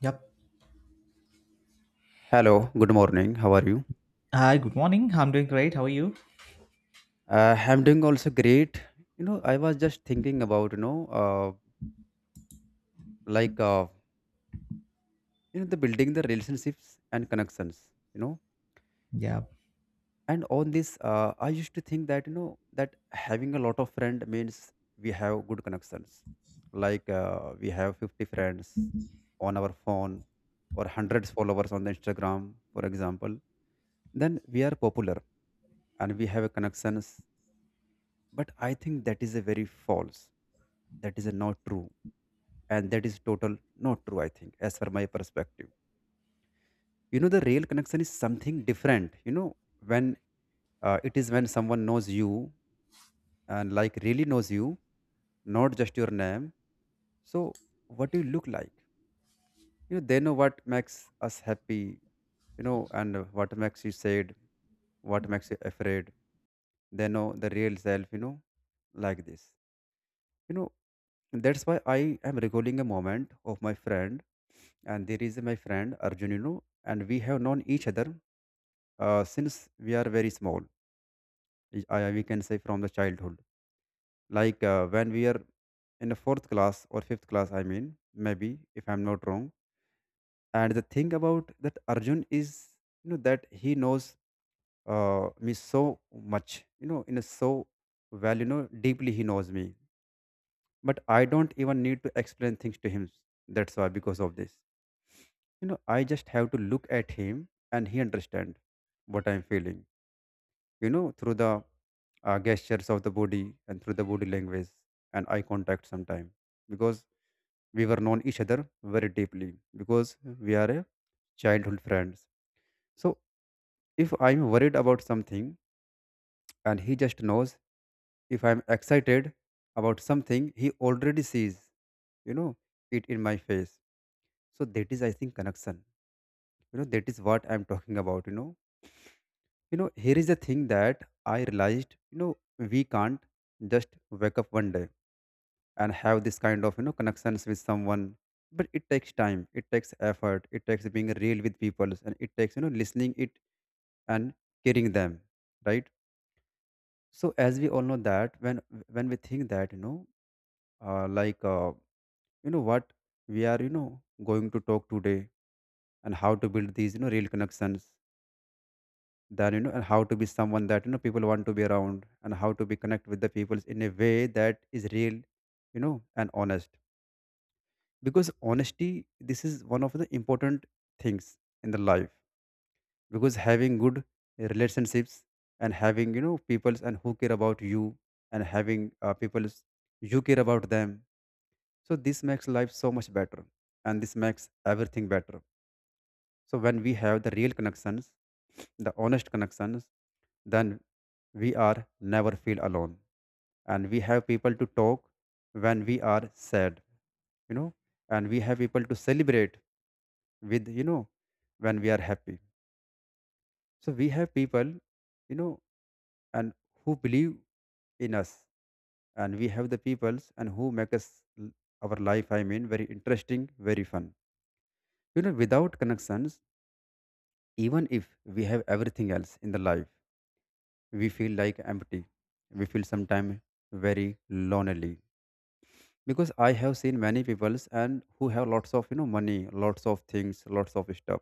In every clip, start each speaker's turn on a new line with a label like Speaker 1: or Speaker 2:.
Speaker 1: Yep.
Speaker 2: Hello, good morning. How are you?
Speaker 1: Hi, good morning. I'm doing great. How are you?
Speaker 2: I'm doing also great. I was just thinking about, like, the building the relationships and connections.
Speaker 1: Yeah.
Speaker 2: And on this, I used to think that, you know, that having a lot of friends means we have good connections. Like, we have 50 friends on our phone or hundreds followers on the Instagram, for example. Then we are popular and we have connections. But I think that is a very false. That is a not true. And that is total not true, I think, as for my perspective. You know, the real connection is something different. You know, when it is when someone knows you and like really knows you, not just your name. So, what you look like. You know, they know what makes us happy, you know, and what makes you sad, what makes you afraid. They know the real self, you know, like this. You know, that's why I am recalling a moment of my friend. And there is my friend Arjun, you know, and we have known each other since we are very small. We can say from the childhood, like when we are in the fourth class or fifth class, I mean, maybe, if I'm not wrong. And the thing about that Arjun is, you know, that he knows me so much, you know, in a so well, you know, deeply he knows me. But I don't even need to explain things to him. That's why, because of this, you know, I just have to look at him and he understand what I'm feeling, you know, through the gestures of the body and through the body language and eye contact sometime. Because we were known each other very deeply, because we are a childhood friends. So if I'm worried about something, and he just knows. If I'm excited about something, he already sees, you know, it in my face. So that is, I think, connection. You know, that is what I'm talking about, you know. You know, here is the thing that I realized, you know, we can't just wake up one day and have this kind of, you know, connections with someone. But it takes time, it takes effort, it takes being real with people, and it takes, you know, listening it and caring them, right? So as we all know that when we think that, like you know what we are, you know, going to talk today and how to build these, you know, real connections than you know, and how to be someone that you know people want to be around, and how to be connect with the people in a way that is real, you know, and honest. Because honesty, this is one of the important things in the life. Because having good relationships, and having you know peoples and who care about you, and having peoples you care about them, so this makes life so much better and this makes everything better. So when we have the real connections, the honest connections, then we are never feel alone. And we have people to talk when we are sad, you know, and we have people to celebrate with, you know, when we are happy. So we have people, you know, and who believe in us, and we have the peoples and who make us l- our life, I mean, very interesting, very fun. You know, without connections, even if we have everything else in the life, we feel like empty. We feel sometimes very lonely. Because I have seen many people and who have lots of you know money, lots of things, lots of stuff,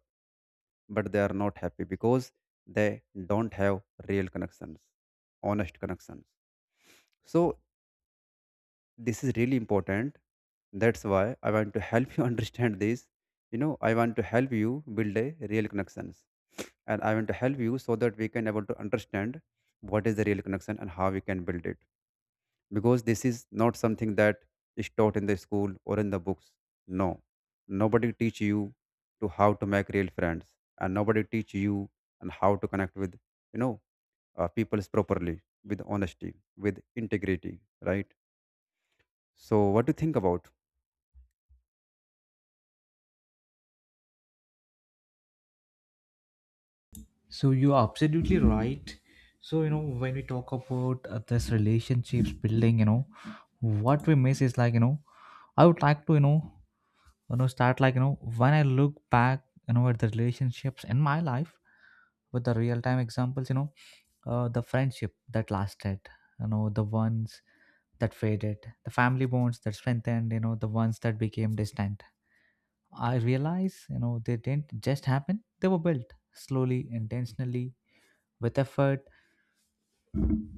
Speaker 2: but they are not happy because they don't have real connections, honest connections. So this is really important. That's why I want to help you understand this. You know, I want to help you build a real connections, and I want to help you so that we can able to understand what is the real connection and how we can build it. Because this is not something that is taught in the school or in the books. No, nobody teach you to how to make real friends, and nobody teach you and how to connect with, you know, peoples properly with honesty, with integrity, right? So what do you think about?
Speaker 1: So you are absolutely right. So when we talk about this relationships building, what we miss is like I would like to start like when I look back, at the relationships in my life with the real time examples, the friendship that lasted, the ones that faded, the family bonds that strengthened, the ones that became distant. I realize, they didn't just happen. They were built slowly, intentionally, with effort,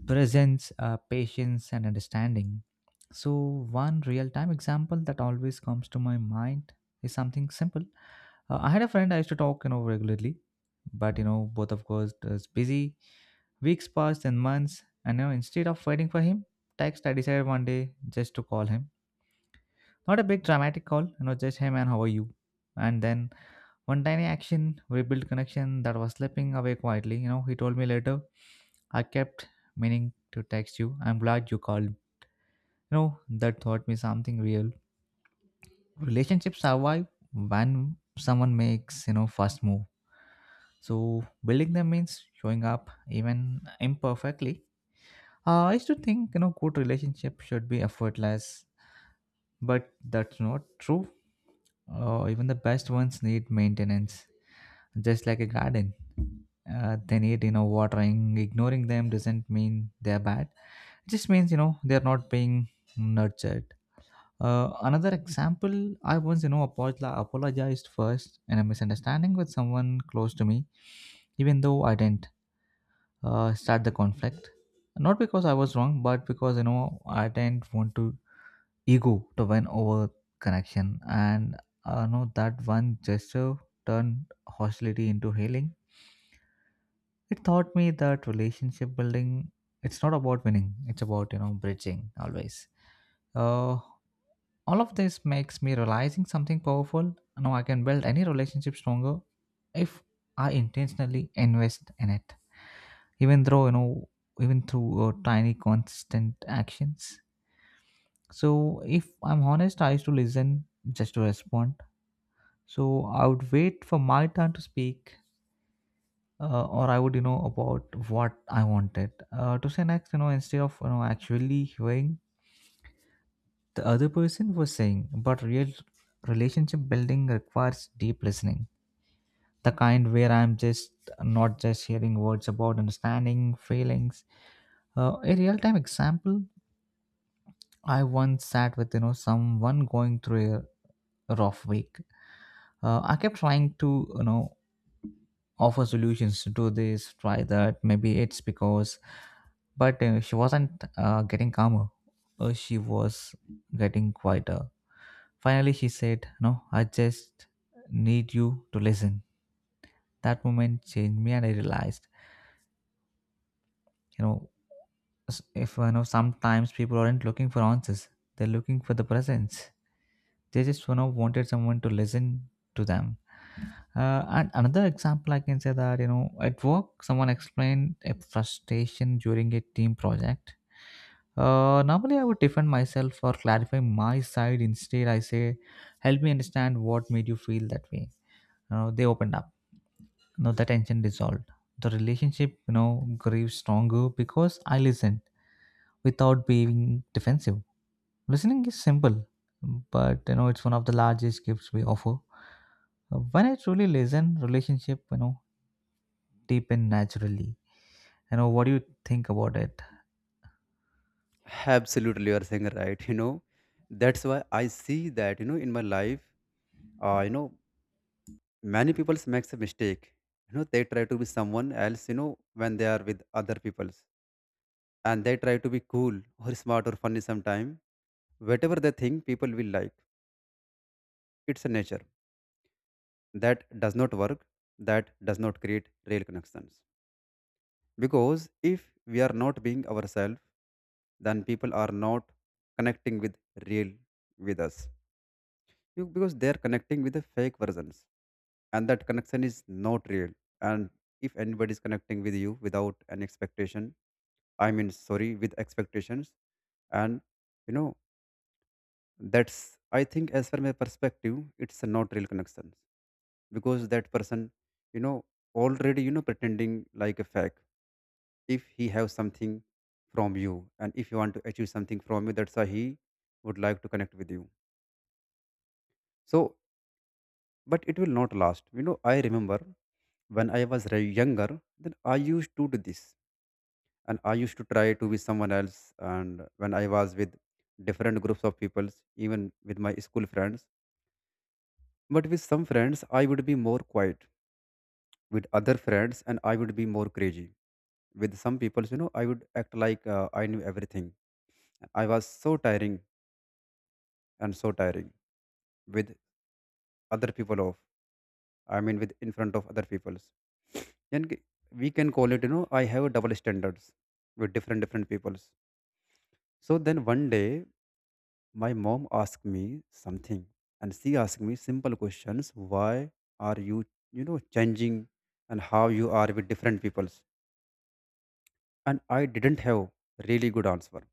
Speaker 1: presence, patience, and understanding. So, one real time example that always comes to my mind is something simple. I had a friend I used to talk, regularly, but, both of course was busy. Weeks passed and months, and, instead of waiting for him, text I decided one day just to call him. Not a big dramatic call, just, hey man, how are you? And then one tiny action rebuilt connection that was slipping away quietly. You know, he told me later, I kept meaning to text you. I'm glad you called. That taught me something real. Relationships survive when someone makes, first move. So building them means showing up even imperfectly. I used to think, good relationship should be effortless, but that's not true. Even the best ones need maintenance just like a garden. They need watering. Ignoring them doesn't mean they're bad. It just means they're not being nurtured. Another example, I once apologized first in a misunderstanding with someone close to me, even though I didn't start the conflict. Not because I was wrong, but because I didn't want to ego to win over connection, and I know that one gesture turned hostility into healing. It taught me that relationship building, it's not about winning, it's about, bridging always. Uh, all of this makes me realizing something powerful. Now I can build any relationship stronger if I intentionally invest in it, even though, even through tiny consistent actions. So if I'm honest, I used to listen just to respond. So I would wait for my turn to speak or I would, about what I wanted to say next. Instead of actually hearing the other person was saying, but real relationship building requires deep listening, the kind where I'm just not just hearing words about understanding feelings. A real time example, I once sat with someone going through a rough week. I kept trying to offer solutions to this try that maybe it's because but she wasn't getting calmer. She was getting quieter. Finally, she said, No, I just need you to listen. That moment changed me, and I realized, you know, if sometimes people aren't looking for answers, they're looking for the presence. They just wanted someone to listen to them. And another example I can say that at work someone explained a frustration during a team project. Normally I would defend myself or clarify my side. Instead, I say, "Help me understand what made you feel that way." You know, they opened up. The tension dissolved. The relationship, grew stronger because I listened without being defensive. Listening is simple, but it's one of the largest gifts we offer. When I truly listen, relationship, deep in naturally. You know, what do you think about it?
Speaker 2: Absolutely, you are saying right. You know, that's why I see that, you know, in my life, you know, many people makes a mistake. You know, they try to be someone else, you know, when they are with other peoples, and they try to be cool or smart or funny sometime. Whatever they think people will like, it's a nature. That does not work, that does not create real connections. Because if we are not being ourselves, then people are not connecting with real with us. You- Because they are connecting with the fake versions, and that connection is not real. And if anybody is connecting with you without an expectation, I mean sorry, with expectations, and you know, that's, I think, as per my perspective, it's a not real connections. Because that person, you know, already, you know, pretending like a fake. If he have something from you, and if you want to achieve something from you, that's why he would like to connect with you. So, but it will not last. You know, I remember when I was younger, then I used to do this, and I used to try to be someone else. And when I was with different groups of people, even with my school friends, but with some friends, I would be more quiet. With other friends, and I would be more crazy. With some people, you know, I would act like I knew everything. I was so tiring, and so tiring with other people off. I mean, with in front of other people's. Then we can call it, you know, I have double standards with different different peoples. So then one day, my mom asked me something, and she asked me simple questions. Why are you, you know, changing, and how you are with different peoples? And I didn't have really good answer.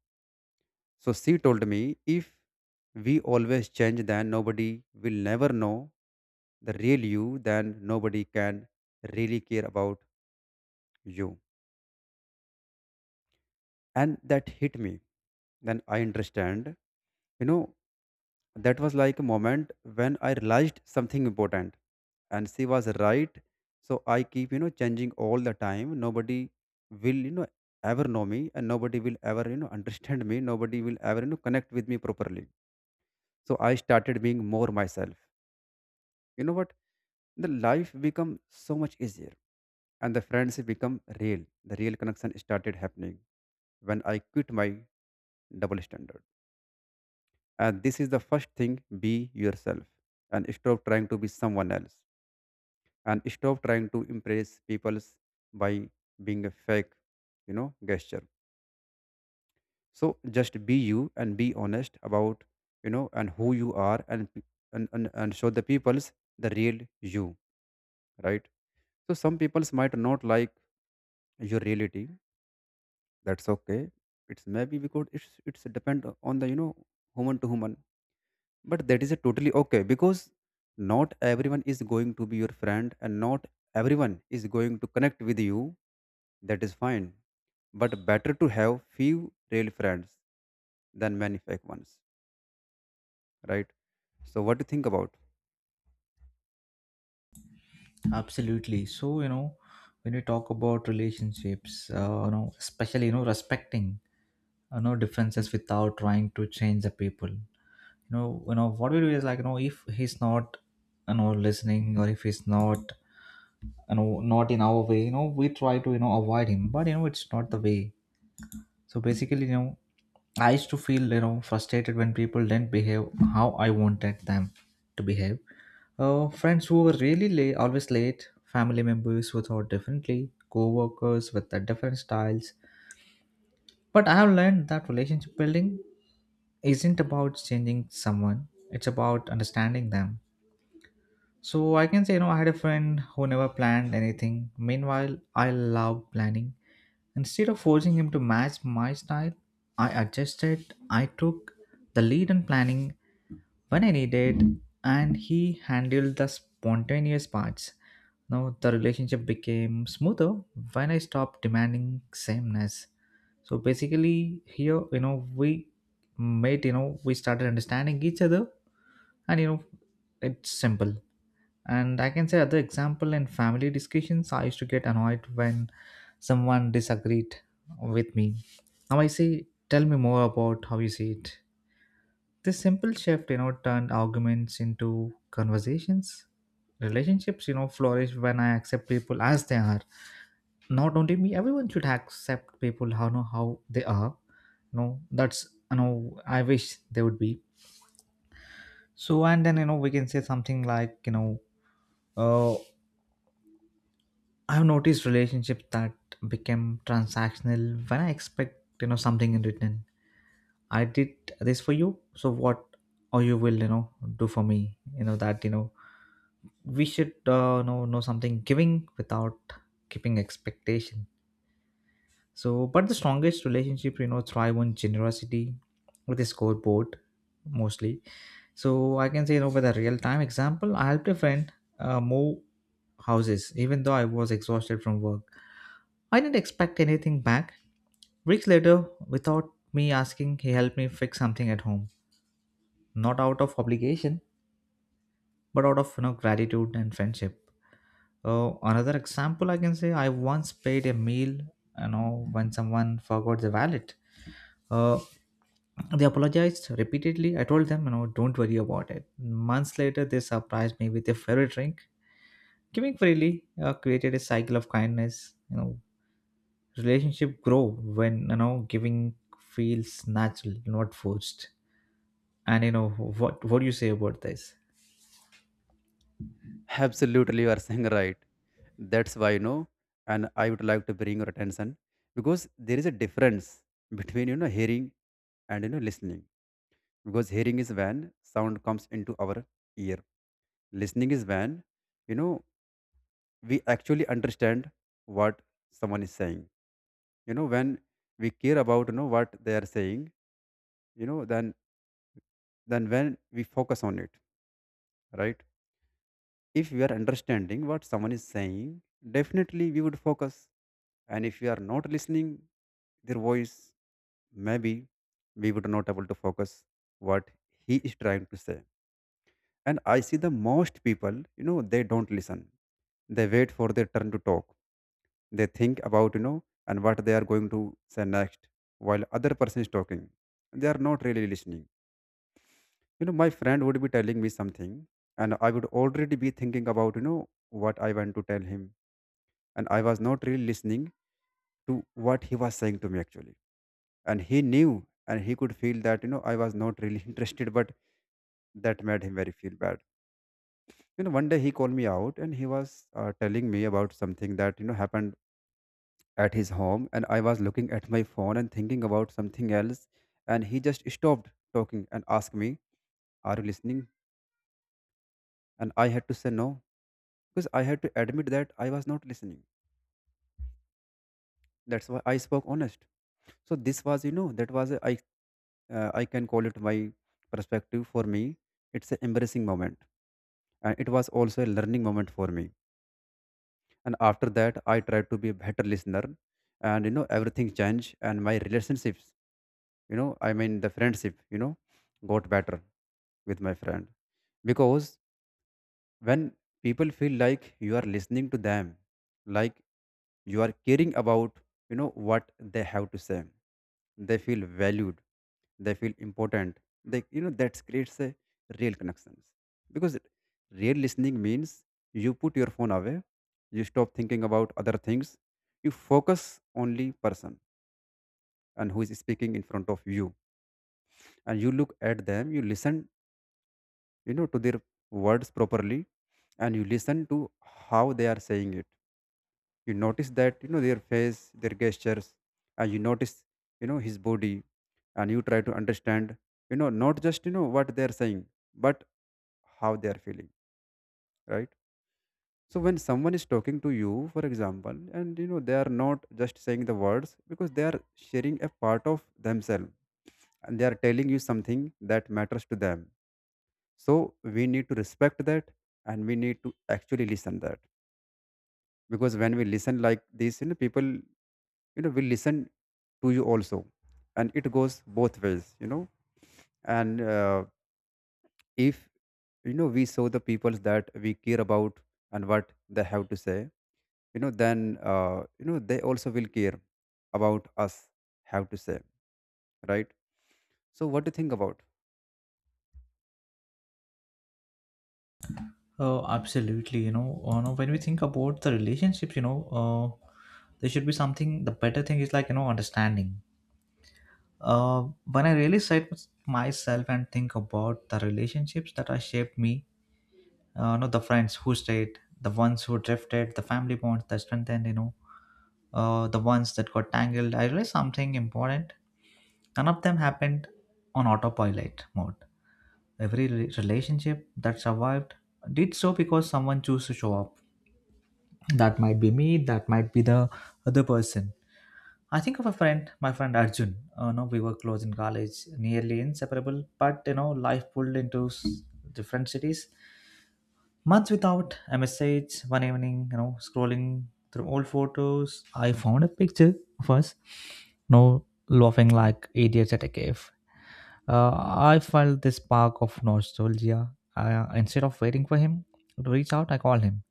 Speaker 2: So she told me if we always change, then nobody will never know the real you, then nobody can really care about you. And that hit me. Then I understand, you know, that was like a moment when I realized something important. And she was right. So I keep you know changing all the time, nobody will you know ever know me, and nobody will ever you know understand me, nobody will ever you know connect with me properly. So I started being more myself. You know what, the life become so much easier, and the friendship become real, the real connection started happening when I quit my double standard. And this is the first thing, be yourself, and stop trying to be someone else, and stop trying to impress people by being a fake, you know, gesture. So just be you and be honest about, you know, and who you are, and and, and show the people's the real you, right? So some peoples might not like your reality. That's okay. It's maybe because it's depend on the you know human to human. But that is a totally okay, because not everyone is going to be your friend, and not everyone is going to connect with you. That is fine, but better to have few real friends than many fake ones, right? So what do you think about?
Speaker 1: Absolutely. So, when we talk about relationships, especially, respecting, differences without trying to change the people. What we do is like, if he's not, listening or if he's not, not in our way, we try to, avoid him, but, it's not the way. So basically, I used to feel, frustrated when people didn't behave how I wanted them to behave. Friends who were really late, always late, family members who thought differently, co workers with the different styles. But I have learned that relationship building isn't about changing someone, it's about understanding them. So I can say, I had a friend who never planned anything. Meanwhile, I love planning. Instead of forcing him to match my style, I adjusted. I took the lead in planning when I needed, and he handled the spontaneous parts. Now the relationship became smoother when I stopped demanding sameness. So basically, here we made we started understanding each other, and it's simple. And I can say other example in family discussions, I used to get annoyed when someone disagreed with me. Now I say, tell me more about how you see it. This simple shift, turned arguments into conversations. Relationships, flourish when I accept people as they are. Not only me, everyone should accept people how know how they are. No, that's I wish they would be. So and then we can say something like uh I've noticed relationships that became transactional when I expect something in return. I did this for you, so what or you will do for me? You know that you know we should know something giving without keeping expectation. So, but the strongest relationship thrive on generosity with a scoreboard mostly. So I can say, with a real time example, I helped a friend move houses, even though I was exhausted from work. I didn't expect anything back. Weeks later, without me asking, he helped me fix something at home, not out of obligation, but out of gratitude and friendship. Another example I can say, I once paid a meal, when someone forgot the wallet. Uh, they apologized repeatedly. I told them, don't worry about it. Months later, they surprised me with their favorite drink. Giving freely created a cycle of kindness. Relationship grow when giving feels natural, not forced. And what do you say about this?
Speaker 2: Absolutely, you are saying right. That's why, you know, and I would like to bring your attention, because there is a difference between, you know, hearing and, you know, listening. Because hearing is when sound comes into our ear. Listening is when, you know, we actually understand what someone is saying. You know, when we care about you know what they are saying, you know, then when we focus on it, right? If we are understanding what someone is saying, definitely we would focus. And if we are not listening their voice, maybe we would not able to focus what he is trying to say. And I see the most people, you know, they don't listen. They wait for their turn to talk. They think about you know and what they are going to say next. While other person is talking, they are not really listening. You know, my friend would be telling me something, and I would already be thinking about you know what I want to tell him, and I was not really listening to what he was saying to me actually. And he knew, and he could feel that you know I was not really interested, but that Made him very feel bad. One day he called me out and he was telling me about something that happened at his home, and I was looking at my phone and thinking about something else. And he just stopped talking and asked me, "Are you listening?" And I had to say no, because I had to admit that I was not listening. That's why I spoke honest. So this was that was a, I I can call it my perspective. For me it's an embarrassing moment, and it was also a learning moment for me. And after that I tried to be a better listener, and everything changed, and my relationships, I mean the friendship, got better with my friend. Because when people feel like you are listening to them, like you are caring about what they have to say, they feel valued, they feel important, they that creates a real connections. Because real listening means you put your phone away, you stop thinking about other things, you focus only person and who is speaking in front of you, and you look at them, you listen, to their words properly. And you listen to how they are saying it. You notice that their face, their gestures, and you notice his body, and you try to understand, not just what they are saying, but how they are feeling, right? So when someone is talking to you, for example, and they are not just saying the words, because they are sharing a part of themselves and they are telling you something that matters to them. So we need to respect that, and we need to actually listen that. Because when we listen like this, people, will listen to you also. And it goes both ways, and if we show the peoples that we care about and what they have to say, then they also will care about us have to say, right? So what do you think about?
Speaker 1: Oh, absolutely. No, when we think about the relationships, there should be something. The better thing is like understanding. When I really sit with myself and think about the relationships that have shaped me, not the friends who stayed, the ones who drifted, the family bonds that strengthened, the ones that got tangled, I realized something important. None of them happened on autopilot mode. Every relationship that survived did so because someone chose to show up. That might be me, that might be the other person. I think of a friend, my friend Arjun. No, we were close in college, nearly inseparable, but life pulled into different cities. Months without a message, one evening, scrolling through old photos, I found a picture of us, no, laughing like idiots at a cave. Uh, I felt this spark of nostalgia. Instead of waiting for him to reach out, I called him.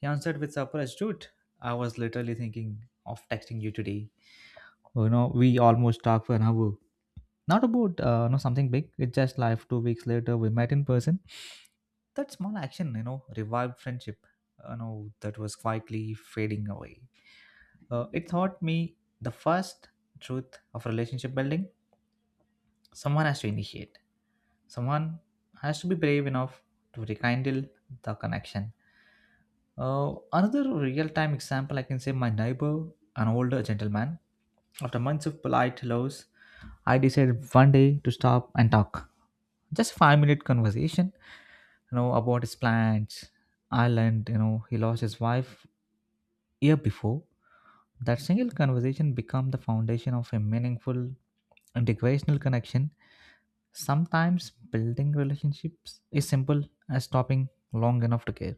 Speaker 1: He answered with surprise, dude. I was literally thinking of texting you today. Well, we almost talked for an hour, not about something big, it's just life. 2 weeks later we met in person. That small action revived friendship that was quietly fading away. It taught me the first truth of relationship building. Someone has to initiate. Someone has to be brave enough to rekindle the connection. Another real time example I can say, my neighbor, an older gentleman. After months of polite hellos, I decided one day to stop and talk, just 5-minute conversation about his plans. Ireland, he lost his wife year before. That single conversation become the foundation of a meaningful integrational connection. Sometimes building relationships is simple as stopping long enough to care.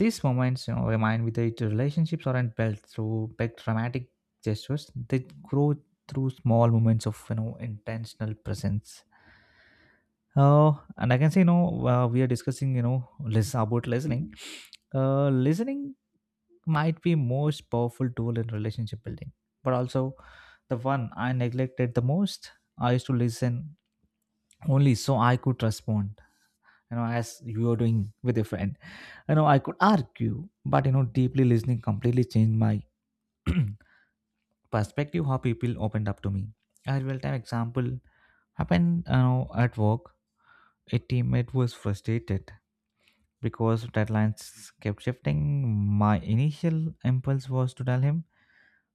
Speaker 1: These moments remind me that relationships aren't built through big dramatic gestures. They grow through small moments of intentional presence. And I can say, we are discussing, about listening. Listening might be most powerful tool in relationship building, but also the one I neglected the most. I used to listen only so I could respond. You know, as you are doing with your friend. I could argue, but deeply listening completely changed my perspective. How people opened up to me. A real time example happened, at work. A teammate was frustrated because deadlines kept shifting. My initial impulse was to tell him,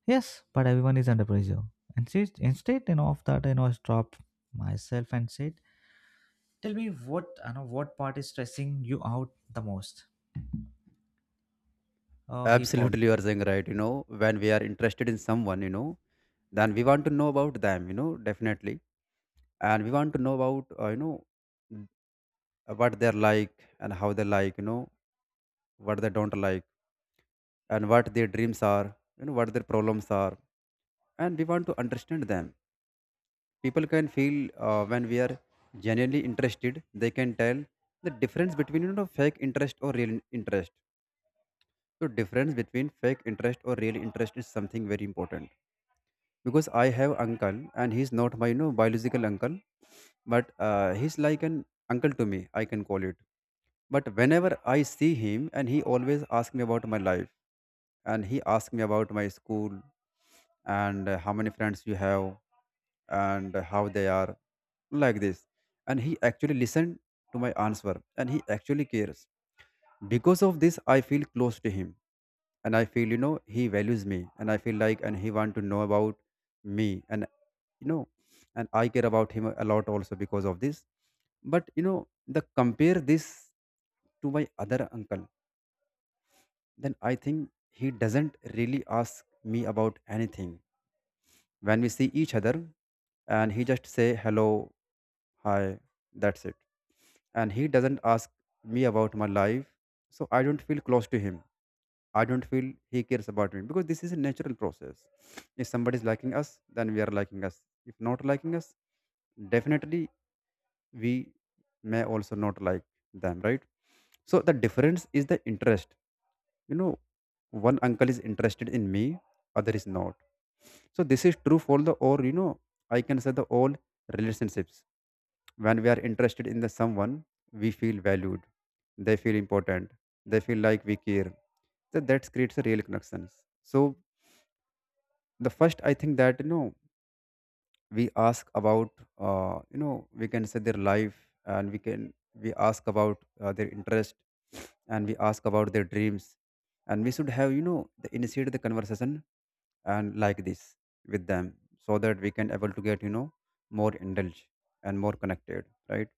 Speaker 1: Yes, but everyone is under pressure. And she, instead, of that, I stopped myself and said, Tell me what, what part is stressing you out the most? He paused.
Speaker 2: Absolutely, you are saying right. When we are interested in someone, then we want to know about them, definitely. And we want to know about, n- what they're like and how they like, what they don't like, and what their dreams are, what their problems are, and we want to understand them. People can feel when we are genuinely interested. They can tell the difference between fake interest or real interest. So difference between fake interest or real interest is something very important. Because I have uncle, and he's not my biological uncle, but he's like an uncle to me, I can call it. But whenever I see him, and he always asks me about my life, and he asks me about my school, and how many friends you have, and how they are, like this. And he actually listened to my answer, and he actually cares. Because of this, I feel close to him, and I feel he values me, and I feel like and he want to know about me, and you know and I care about him a lot also because of this. But the compare this to my other uncle, then I think he doesn't really ask me about anything when we see each other. And he just say hello, hi, that's it. And he doesn't ask me about my life, so I don't feel close to him. I don't feel he cares about me, because this is a natural process. If somebody is liking us, then we are liking us. If not liking us, definitely we may also not like them, right? So the difference is the interest, you know one uncle is interested in me, other is not. So this is true for the, or I can say the all relationships. When we are interested in the someone, we feel valued, they feel important, they feel like we care. So that creates a real connections. So the first, I think, that we ask about, we can say their life, and we ask about, their interest, and we ask about their dreams. And we should have, initiate the conversation and like this with them, so that we can able to get more indulged and more connected, right?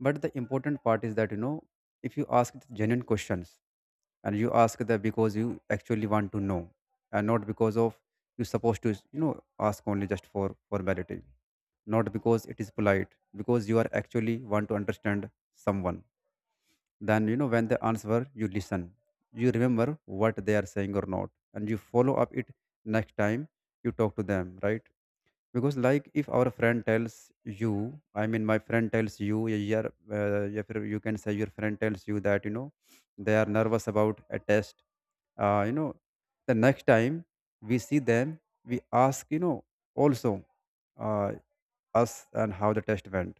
Speaker 2: But the important part is that, if you ask the genuine questions and you ask that because you actually want to know, and not because of you're supposed to, ask only just for formality, not because it is polite, because you are actually want to understand someone. Then when they answer, you listen, you remember what they are saying or not, and you follow up it next time you talk to them, right? Because like if our friend tells you, I mean my friend tells you, yeah, yeah, if you can say your friend tells you that they are nervous about a test, uh, you know the next time we see them, we ask, also uh, us, and how the test went.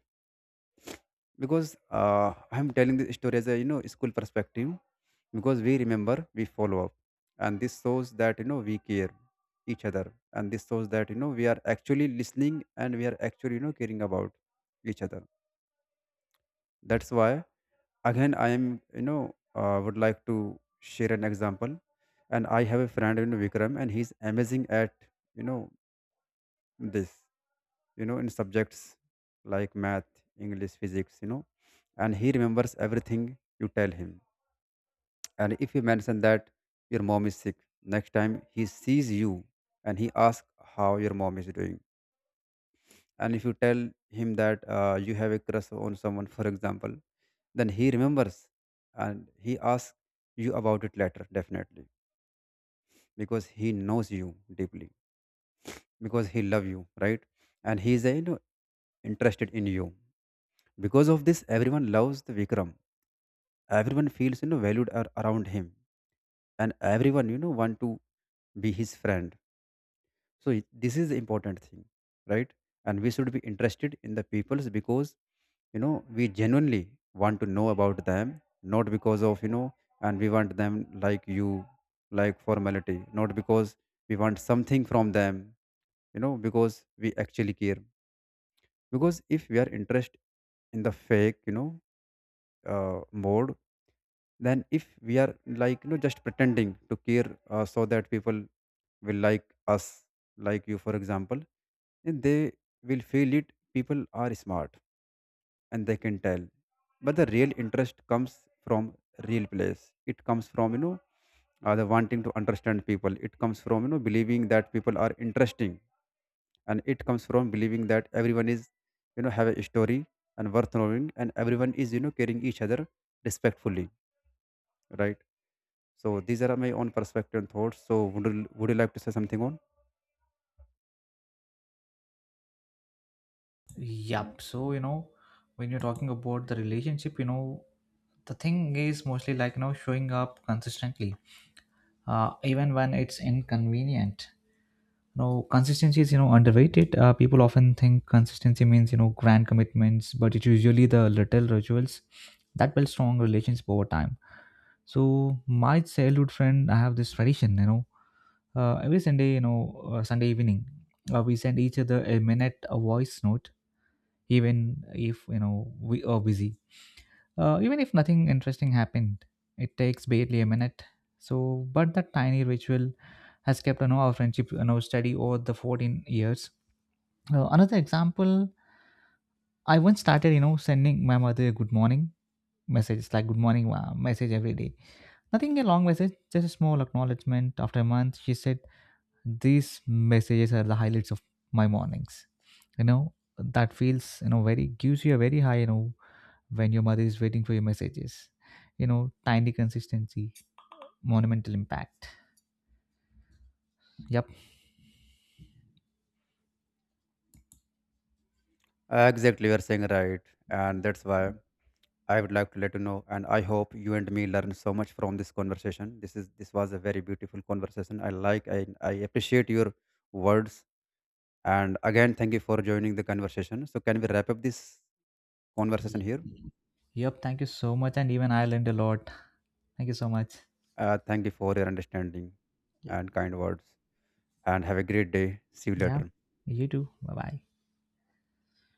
Speaker 2: Because I'm telling this story as a, school perspective, because we remember, we follow up, and this shows that we care each other. And this shows that we are actually listening, and we are actually caring about each other. That's why again I am, would like to share an example. And I have a friend, Vikram, and he's amazing at you know this, in subjects like math, english physics, and he remembers everything you tell him. And if you mention that your mom is sick, next time he sees you, and he asks how your mom is doing. And if you tell him that you have a crush on someone, for example, then he remembers, and he asks you about it later, definitely. Because he knows you deeply, because he love you, right? And he is a, interested in you. Because of this, everyone loves the Vikram. Everyone feels, valued around him, and everyone, want to be his friend. So this is the important thing, right? And we should be interested in the peoples, because you know we genuinely want to know about them, not because of, and we want them, like you, like formality, not because we want something from them, because we actually care. Because if we are interested in the fake, mode, than if we are like, just pretending to care, so that people will like us, like you, for example. And they will feel it, people are smart and they can tell. But the real interest comes from real place. It comes from, the wanting to understand people. It comes from, believing that people are interesting, and it comes from believing that everyone is, have a story and worth knowing, and everyone is, caring each other respectfully, right? So these are my own perspective and thoughts. So would you like to say something on?
Speaker 1: Yup. So, when you're talking about the relationship, the thing is mostly like showing up consistently, even when it's inconvenient. No, consistency is, underrated. People often think consistency means, grand commitments, but it's usually the little rituals that build strong relationships over time. So my childhood friend, I have this tradition, every Sunday, Sunday evening, we send each other a minute a voice note, even if, we are busy. Even if nothing interesting happened, it takes barely a minute. So, but that tiny ritual has kept, our friendship, steady over the 14 years. Another example, I once started, sending my mother a good morning message. It's like good morning ma," message every day. Nothing a long message, just a small acknowledgement. After a month, she said, "These messages are the highlights of my mornings." You know, that feels, very gives you a very high, when your mother is waiting for your messages. You know, tiny consistency, monumental impact. Yep.
Speaker 2: Exactly, you're saying right. And that's why I would like to let you know, and I hope you and me learn so much from this conversation. This is, this was a very beautiful conversation. I appreciate your words, and again thank you for joining the conversation. So can we wrap up this conversation
Speaker 1: Y-
Speaker 2: here?
Speaker 1: yep. Thank you so much, and even I learned a lot. Thank you so much.
Speaker 2: Thank you for your understanding
Speaker 1: Yeah.
Speaker 2: and kind words. And have a great day. See you
Speaker 1: Yeah,
Speaker 2: later.
Speaker 1: you too. Bye bye.